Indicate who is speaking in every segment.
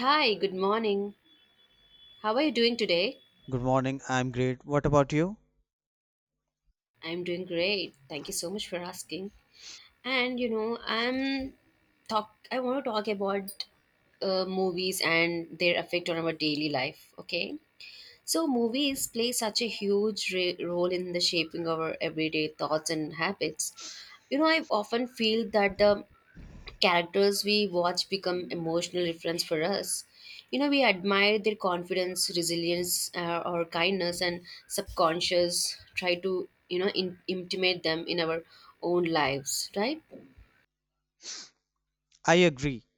Speaker 1: Hi, good morning. How are you doing today?
Speaker 2: Good morning. I'm great. What about you?
Speaker 1: I'm doing great. Thank you so much for asking. And you know, I'm talk I want to talk about movies and their effect on our daily life, okay? So movies play such a huge role in the shaping of our everyday thoughts and habits. You know, I often feel that the characters we watch become emotional reference for us. You know, we admire their confidence, resilience, or kindness, and subconscious try to you know intimate them in our own lives, right?
Speaker 2: I agree.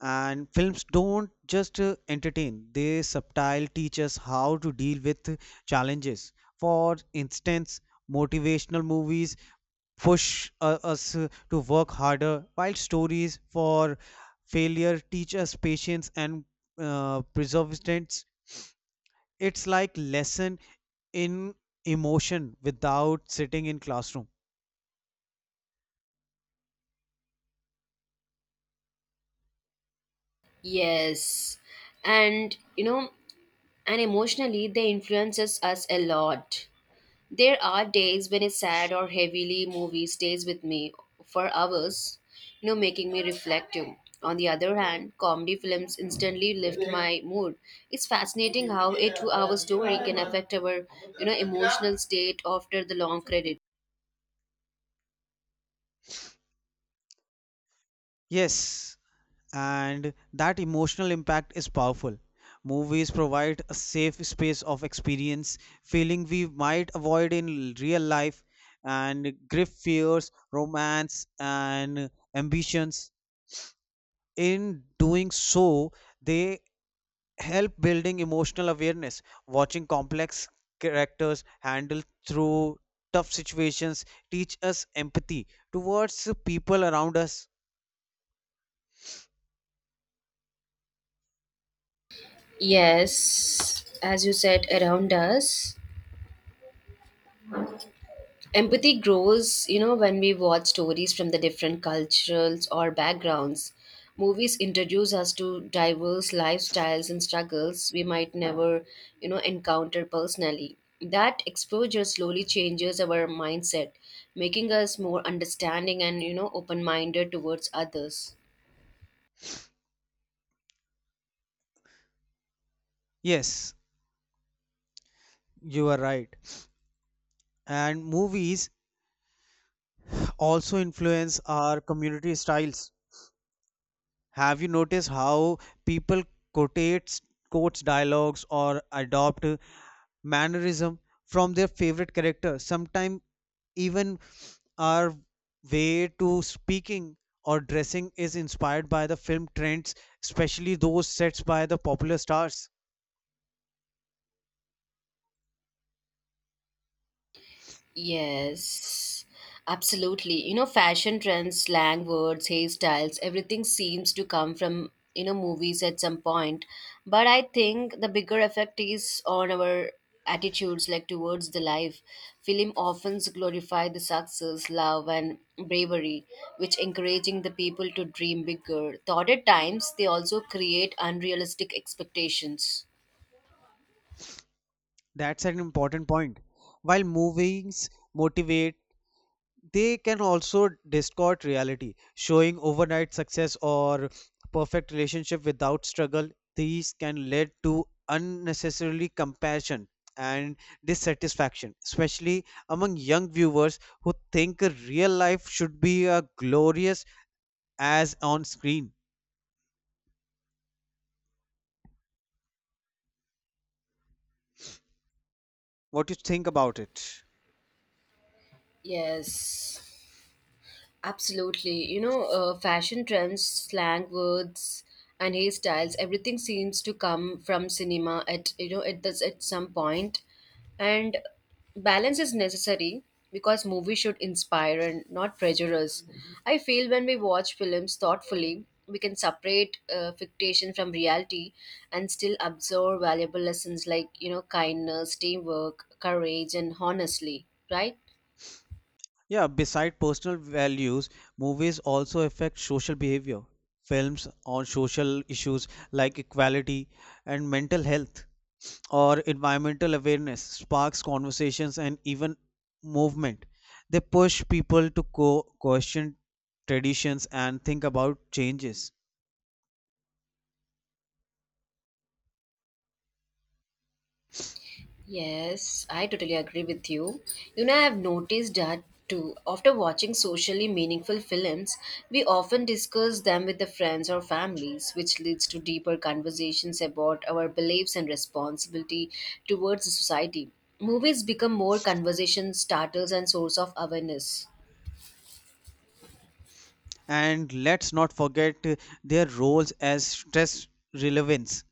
Speaker 2: And films don't just entertain, they subtile teach us how to deal with challenges. For instance, motivational movies push us to work harder, while stories for failure teach us patience and perseverance. It's like lesson in emotion without sitting in classroom.
Speaker 1: Yes, and you know, and emotionally they influences us a lot. There are days when a sad or heavily movie stays with me for hours, you know, making me reflective. On the other hand, comedy films instantly lift my mood. It's fascinating how a two-hour story can affect our, you know, emotional state after the long credit.
Speaker 2: Yes, and that emotional impact is powerful. Movies provide a safe space of experience, feeling we might avoid in real life, and grip fears, romance, and ambitions. In doing so, they help building emotional awareness. Watching complex characters handle through tough situations teach us empathy towards people around us.
Speaker 1: Yes, as you said, around us. Empathy grows, you know, when we watch stories from the different cultures or backgrounds. Movies introduce us to diverse lifestyles and struggles we might never, you know, encounter personally. That exposure slowly changes our mindset, making us more understanding and, you know, open minded towards others.
Speaker 2: Yes, you are right and movies also influence our community styles. Have you noticed how people quotates quotes dialogues or adopt mannerism from their favorite character? Sometimes even our way to speaking or dressing is inspired by the film trends, especially those sets by the popular stars.
Speaker 1: Yes, absolutely. You know, fashion trends, slang words, hairstyles, everything seems to come from, you know, movies at some point. But I think the bigger effect is on our attitudes, like towards the life. Film often glorify the success, love, and bravery, which encouraging the people to dream bigger. Though at times, they also create unrealistic expectations.
Speaker 2: That's an important point. While movies motivate, they can also distort reality, showing overnight success or perfect relationship without struggle. These can lead to unnecessarily compassion and dissatisfaction, especially among young viewers who think real life should be as glorious as on screen. What do you think about it?
Speaker 1: Yes. Absolutely. You know, fashion trends, slang words, and hairstyles, everything seems to come from cinema at, you know, it does at some point. And balance is necessary because movies should inspire and not prejudice. I feel when we watch films thoughtfully, we can separate fiction from reality and still absorb valuable lessons like, you know, kindness, teamwork, courage, and honestly, right?
Speaker 2: Yeah, beside personal values, movies also affect social behavior. Films on social issues like equality and mental health or environmental awareness sparks conversations and even movement. They push people to question traditions and think about changes.
Speaker 1: Yes, I totally agree with you. You know, I have noticed that too. After watching socially meaningful films, we often discuss them with the friends or families, which leads to deeper conversations about our beliefs and responsibility towards society. Movies become more conversation starters and source of awareness.
Speaker 2: And let's not forget their roles as stress relevance.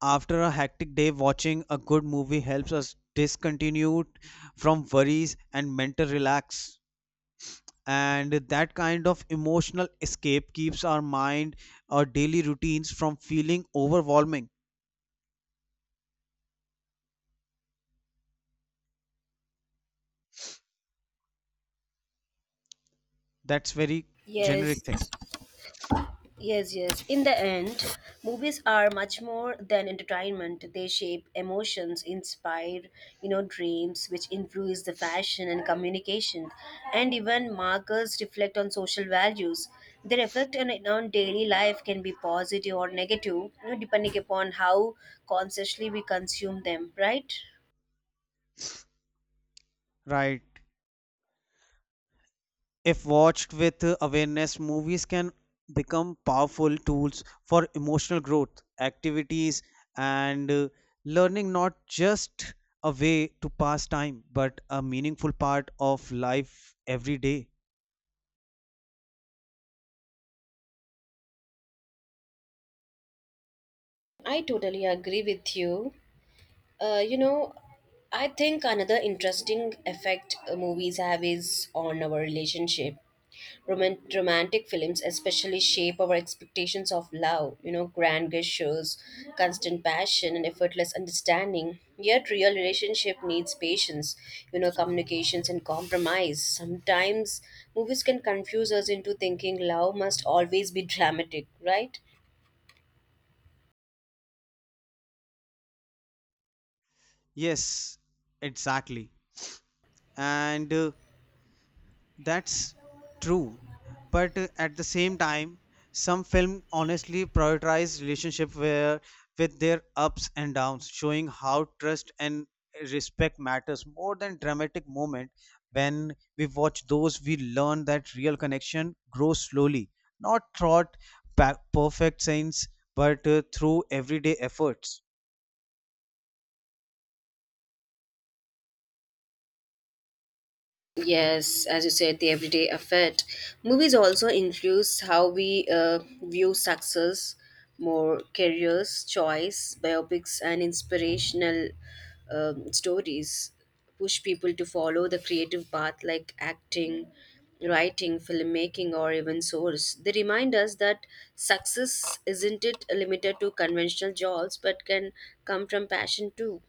Speaker 2: After a hectic day, watching a good movie helps us discontinue from worries and mental relax. And that kind of emotional escape keeps our mind, our daily routines from feeling overwhelming. That's very
Speaker 1: Yes,
Speaker 2: generic thing,
Speaker 1: yes. In the end, movies are much more than entertainment. They shape emotions, inspire, you know, dreams, which influence the fashion and communication. And even markers reflect on social values. Their effect on daily life can be positive or negative, you know, depending upon how consciously we consume them, right?
Speaker 2: right? If watched with awareness, movies can become powerful tools for emotional growth, activities, and learning, not just a way to pass time, but a meaningful part of life every day.
Speaker 1: I totally agree with you. You know, I think another interesting effect movies have is on our relationship. Romantic films especially shape our expectations of love, you know, grand gestures, constant passion, and effortless understanding. Yet, real relationship needs patience, you know, communications and compromise. Sometimes movies can confuse us into thinking love must always be dramatic, right?
Speaker 2: Yes, exactly. And That's true, but at the same time, some film honestly prioritize relationship where with their ups and downs, showing how trust and respect matters more than dramatic moment. When we watch those, we learn that real connection grows slowly, not through perfect scenes, but through everyday efforts.
Speaker 1: Yes, as you said, the everyday effect. Movies also influence how we view success, more careers, choice, biopics, and inspirational stories push people to follow the creative path like acting, writing, filmmaking, or even source. They remind us that success isn't it limited to conventional jobs, but can come from passion too.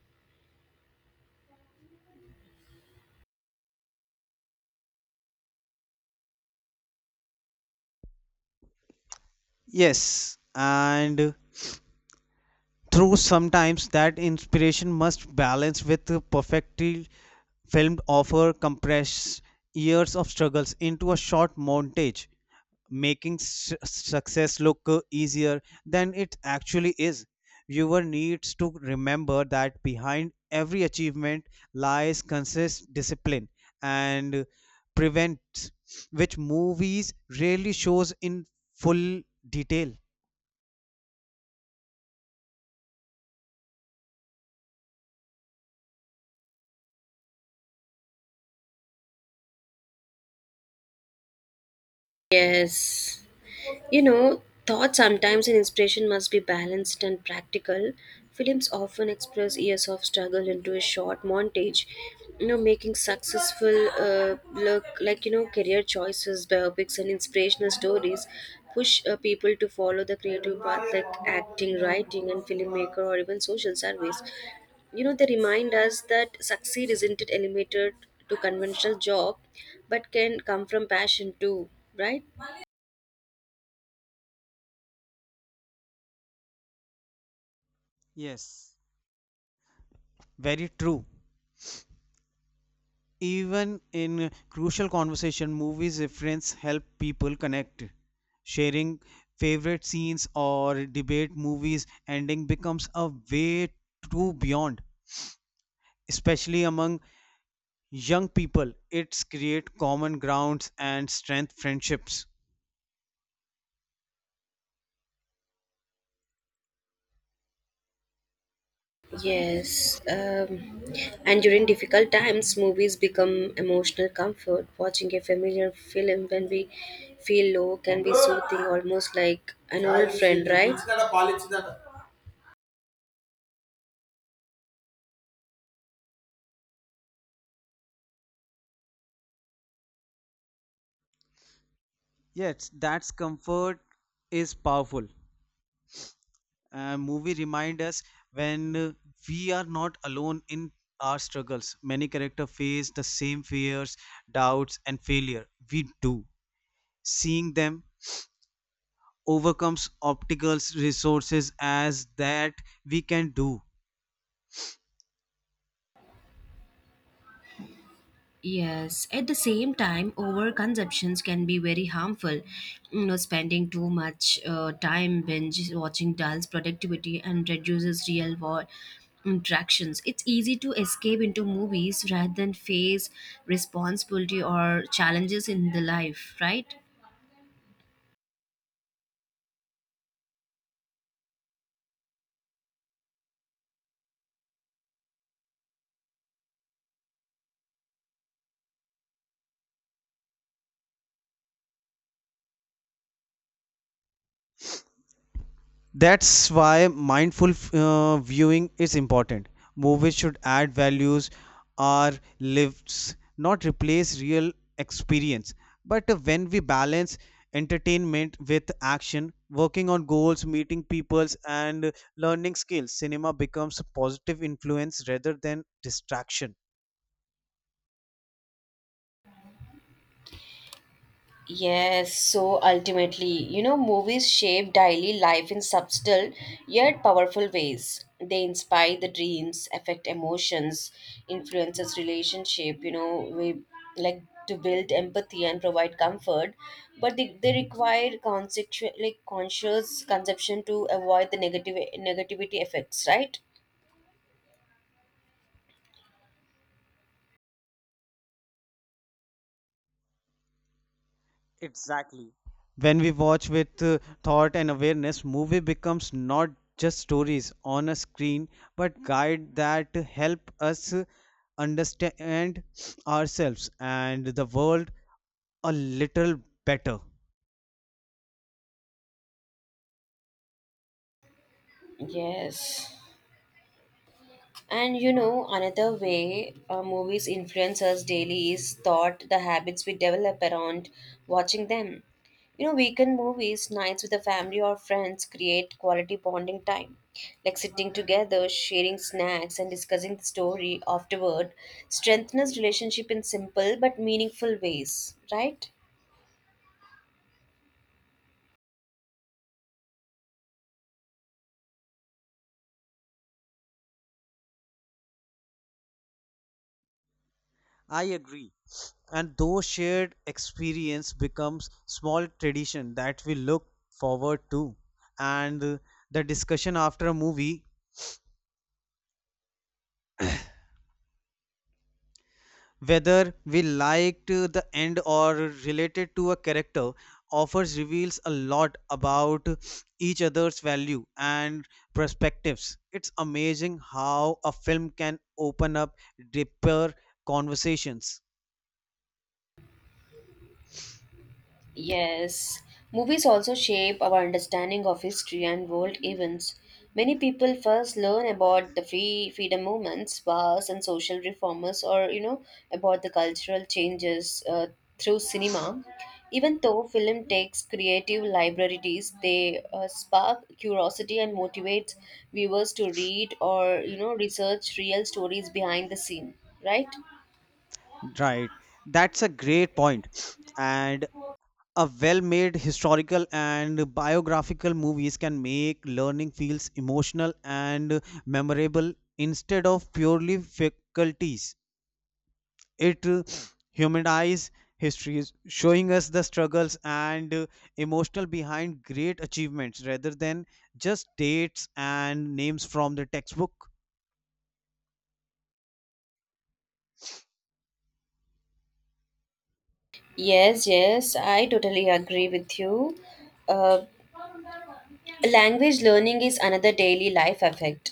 Speaker 2: Yes, and through sometimes that inspiration must balance with the perfectly filmed offer compress years of struggles into a short montage, making success look easier than it actually is. Viewer needs to remember that behind every achievement lies consist discipline and prevents, which movies rarely shows in full detail.
Speaker 1: Yes. You know, thought sometimes and inspiration must be balanced and practical. Films often express years of struggle into a short montage, you know, making successful look like, you know, career choices, biopics, and inspirational stories push people to follow the creative path like acting, writing, and filmmaker, or even social service. You know, they remind us that succeed isn't it limited to conventional job, but can come from passion too, right?
Speaker 2: Yes, very true. Even in crucial conversation, movies reference help people connect. Sharing favorite scenes or debate movies ending becomes a way to beyond. Especially among young people, it's create common grounds and strength friendships.
Speaker 1: Yes, and during difficult times, movies become emotional comfort. Watching a familiar film when we feel low can be soothing, almost like an old friend, right?
Speaker 2: Yes, that's comfort is powerful. Movie remind us when we are not alone in our struggles. Many characters face the same fears, doubts and failure we do. Seeing them overcomes obstacles resources as that we can do.
Speaker 1: Yes, at the same time, overconsumptions can be very harmful. You know, spending too much time binge watching dulls productivity and reduces real world interactions. It's easy to escape into movies rather than face responsibility or challenges in the life, right?
Speaker 2: That's why mindful viewing is important. Movies should add values or lives, not replace real experience. But when we balance entertainment with action, working on goals, meeting peoples, and learning skills, cinema becomes a positive influence rather than distraction.
Speaker 1: Yes, so ultimately, you know, movies shape daily life in subtle yet powerful ways. They inspire the dreams, affect emotions, influences relationship, you know, we like to build empathy and provide comfort, but they require conceptual like conscious conception to avoid the negative negativity effects, right?
Speaker 2: Exactly. When we watch with thought and awareness, movie becomes not just stories on a screen, but guide that help us understand ourselves and the world a little better.
Speaker 1: Yes. And you know, another way movies influence us daily is thought the habits we develop around watching them. You know, weekend movies, nights with the family or friends create quality bonding time. Like sitting together, sharing snacks, and discussing the story afterward strengthens relationship in simple but meaningful ways, right?
Speaker 2: I agree, and those shared experience becomes small tradition that we look forward to. And the discussion after a movie, whether we liked the end or related to a character, offers reveals a lot about each other's value and perspectives. It's amazing how a film can open up deeper conversations.
Speaker 1: Yes, movies also shape our understanding of history and world events. Many people first learn about the freedom movements, wars, and social reformers, or you know, about the cultural changes through cinema. Even though film takes creative liberties, they spark curiosity and motivate viewers to read or you know research real stories behind the scene. Right?
Speaker 2: Right, that's a great point. And a well-made historical and biographical movies can make learning feels emotional and memorable, instead of purely faculties. It humanize history is showing us the struggles and emotional behind great achievements rather than just dates and names from the textbook.
Speaker 1: Yes, I totally agree with you. Uh, language learning is another daily life effect,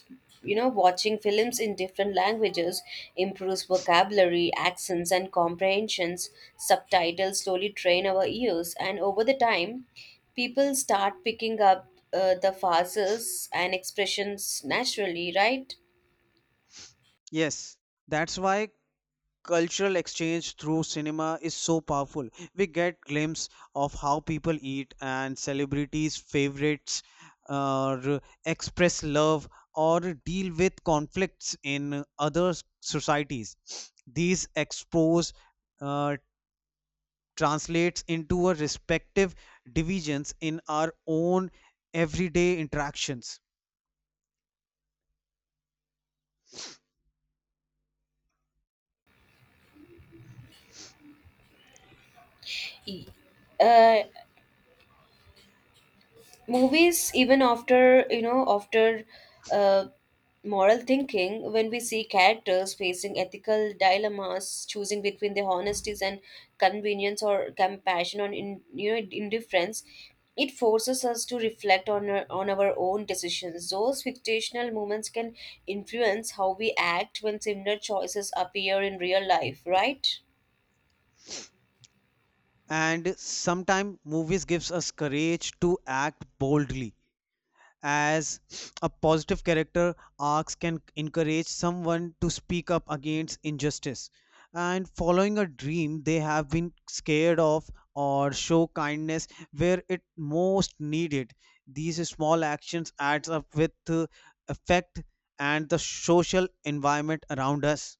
Speaker 1: you know, watching films in different languages improves vocabulary accents and comprehensions. Subtitles slowly train our ears and over the time people start picking up the phrases and expressions naturally, right?
Speaker 2: Yes, that's why cultural exchange through cinema is so powerful. We get glimpse of how people eat and celebrities favorites, or express love, or deal with conflicts in other societies. These expose uh, translates into our respective divisions in our own everyday interactions.
Speaker 1: E- uh, movies even after you know after uh, moral thinking when we see characters facing ethical dilemmas choosing between their honesties and convenience or compassion or in, you know, indifference, it forces us to reflect on on our own decisions. Those fictional moments can influence how we act when similar choices appear in real life, right?
Speaker 2: And sometimes movies gives us courage to act boldly, as a positive character arcs can encourage someone to speak up against injustice and following a dream they have been scared of, or show kindness where it most needed. These small actions adds up with effect and the social environment around us.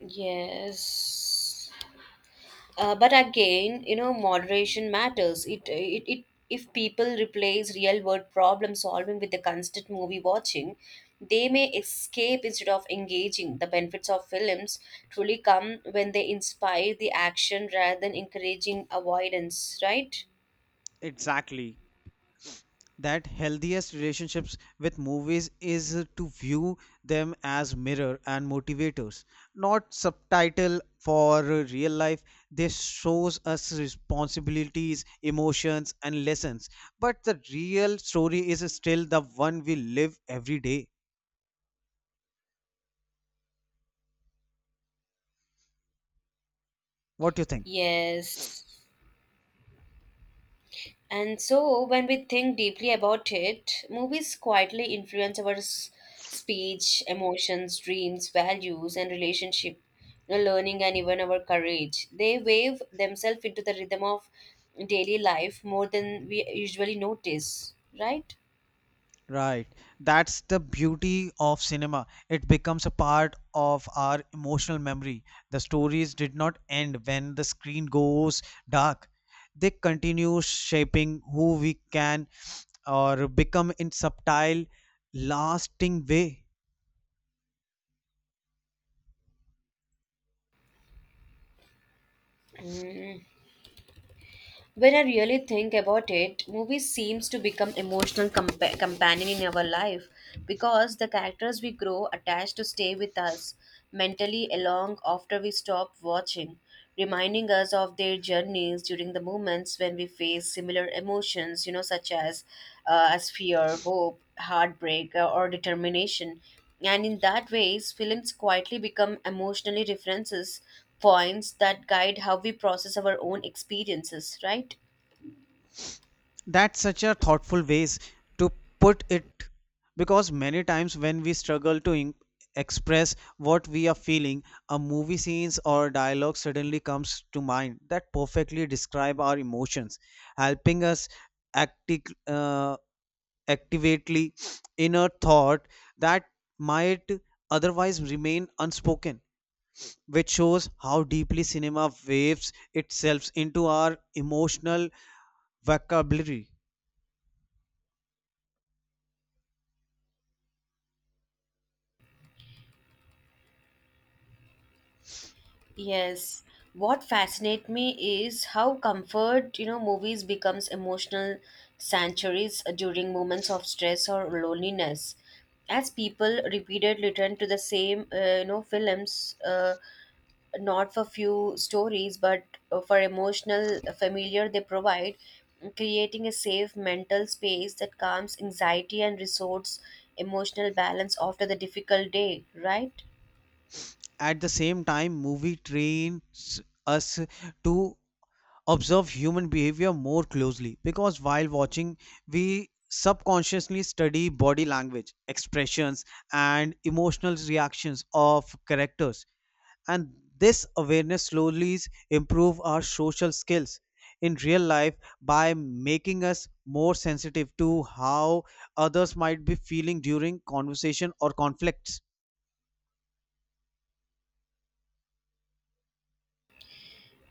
Speaker 1: Yes. But again, you know, moderation matters. It if people replace real world problem solving with the constant movie watching, they may escape instead of engaging. The benefits of films truly come when they inspire the action rather than encouraging avoidance, right?
Speaker 2: Exactly. That healthiest relationships with movies is to view them as mirror and motivators, not subtitle for real life. This shows us responsibilities, emotions and lessons, but the real story is still the one we live every day. What do you think?
Speaker 1: Yes. And so, when we think deeply about it, movies quietly influence our speech, emotions, dreams, values, and relationship, you know, learning, and even our courage. They wave themselves into the rhythm of daily life more than we usually notice, right?
Speaker 2: Right. That's the beauty of cinema. It becomes a part of our emotional memory. The stories did not end when the screen goes dark. They continue shaping who we can or become in subtle, lasting way.
Speaker 1: When I really think about it, movies seems to become emotional companion in our life because the characters we grow attached to stay with us mentally along after we stop watching, reminding us of their journeys during the moments when we face similar emotions, you know, such as fear, hope, heartbreak, or determination. And in that ways, films quietly become emotionally references points that guide how we process our own experiences, right?
Speaker 2: That's such a thoughtful ways to put it, because many times when we struggle to express what we are feeling, a movie scenes or dialogue suddenly comes to mind that perfectly describe our emotions, helping us acti- uh, activately inner thought that might otherwise remain unspoken, which shows how deeply cinema waves itself into our emotional vocabulary.
Speaker 1: Yes. What fascinates me is how comfort, you know, movies becomes emotional sanctuaries during moments of stress or loneliness. As people repeatedly turn to the same, you know, films, not for few stories, but for emotional familiar they provide, creating a safe mental space that calms anxiety and restores emotional balance after the difficult day, right?
Speaker 2: At the same time, movie trains us to observe human behavior more closely, because while watching, we subconsciously study body language, expressions, and emotional reactions of characters. And this awareness slowly improve our social skills in real life by making us more sensitive to how others might be feeling during conversation or conflicts.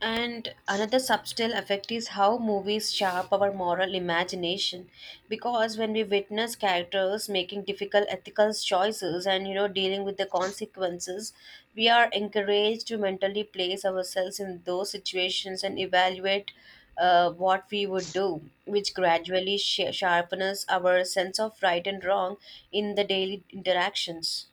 Speaker 1: And another subtle effect is how movies sharp our moral imagination because when we witness characters making difficult ethical choices and you know dealing with the consequences, we are encouraged to mentally place ourselves in those situations and evaluate what we would do, which gradually sharpens our sense of right and wrong in the daily interactions.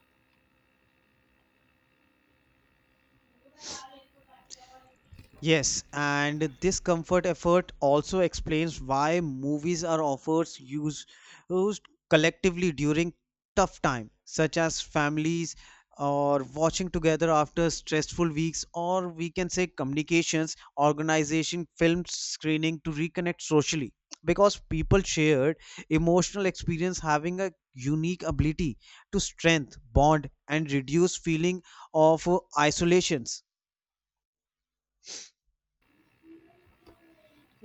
Speaker 2: Yes, and this comfort effort also explains why movies are offered used collectively during tough time, such as families or watching together after stressful weeks, or we can say communications, organization, film screening to reconnect socially. Because people shared emotional experience having a unique ability to strength, bond, and reduce feeling of isolations.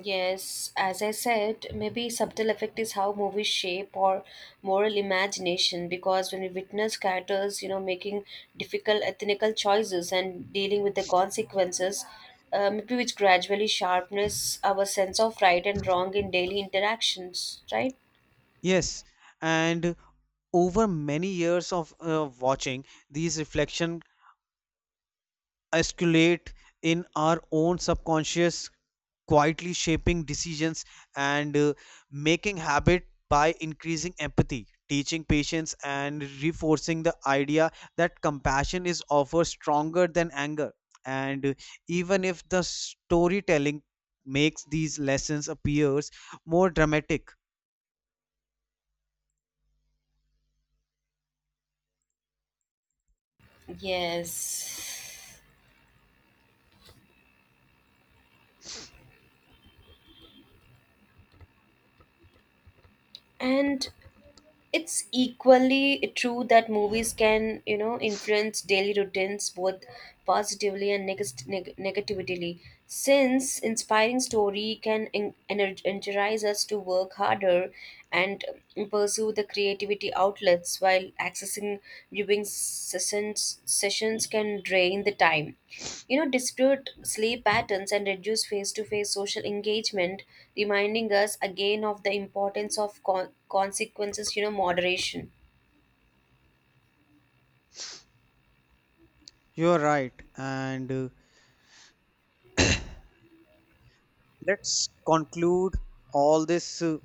Speaker 1: Yes, as I said, maybe subtle effect is how movies shape or moral imagination because when we witness characters, you know, making difficult ethnical choices and dealing with the consequences, maybe which gradually sharpness our sense of right and wrong in daily interactions, right?
Speaker 2: Yes, and over many years of watching, these reflections escalate in our own subconscious, quietly shaping decisions and making habit by increasing empathy, teaching patience and reinforcing the idea that compassion is often stronger than anger, and even if the storytelling makes these lessons appears more dramatic.
Speaker 1: Yes. And it's equally true that movies can you know influence daily routines both positively and negatively since inspiring story can energize us to work harder and pursue the creativity the outlets while accessing viewing sessions sessions can drain the time, you know, dispute sleep patterns and reduce face-to-face social engagement, reminding us again of the importance of consequences, you know, moderation.
Speaker 2: You're right, and let's conclude all these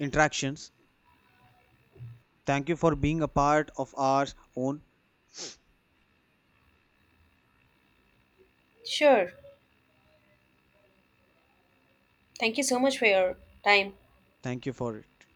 Speaker 2: interactions. Thank you for being a part of our own.
Speaker 1: Sure, thank you so much for your time.
Speaker 2: Thank you for it.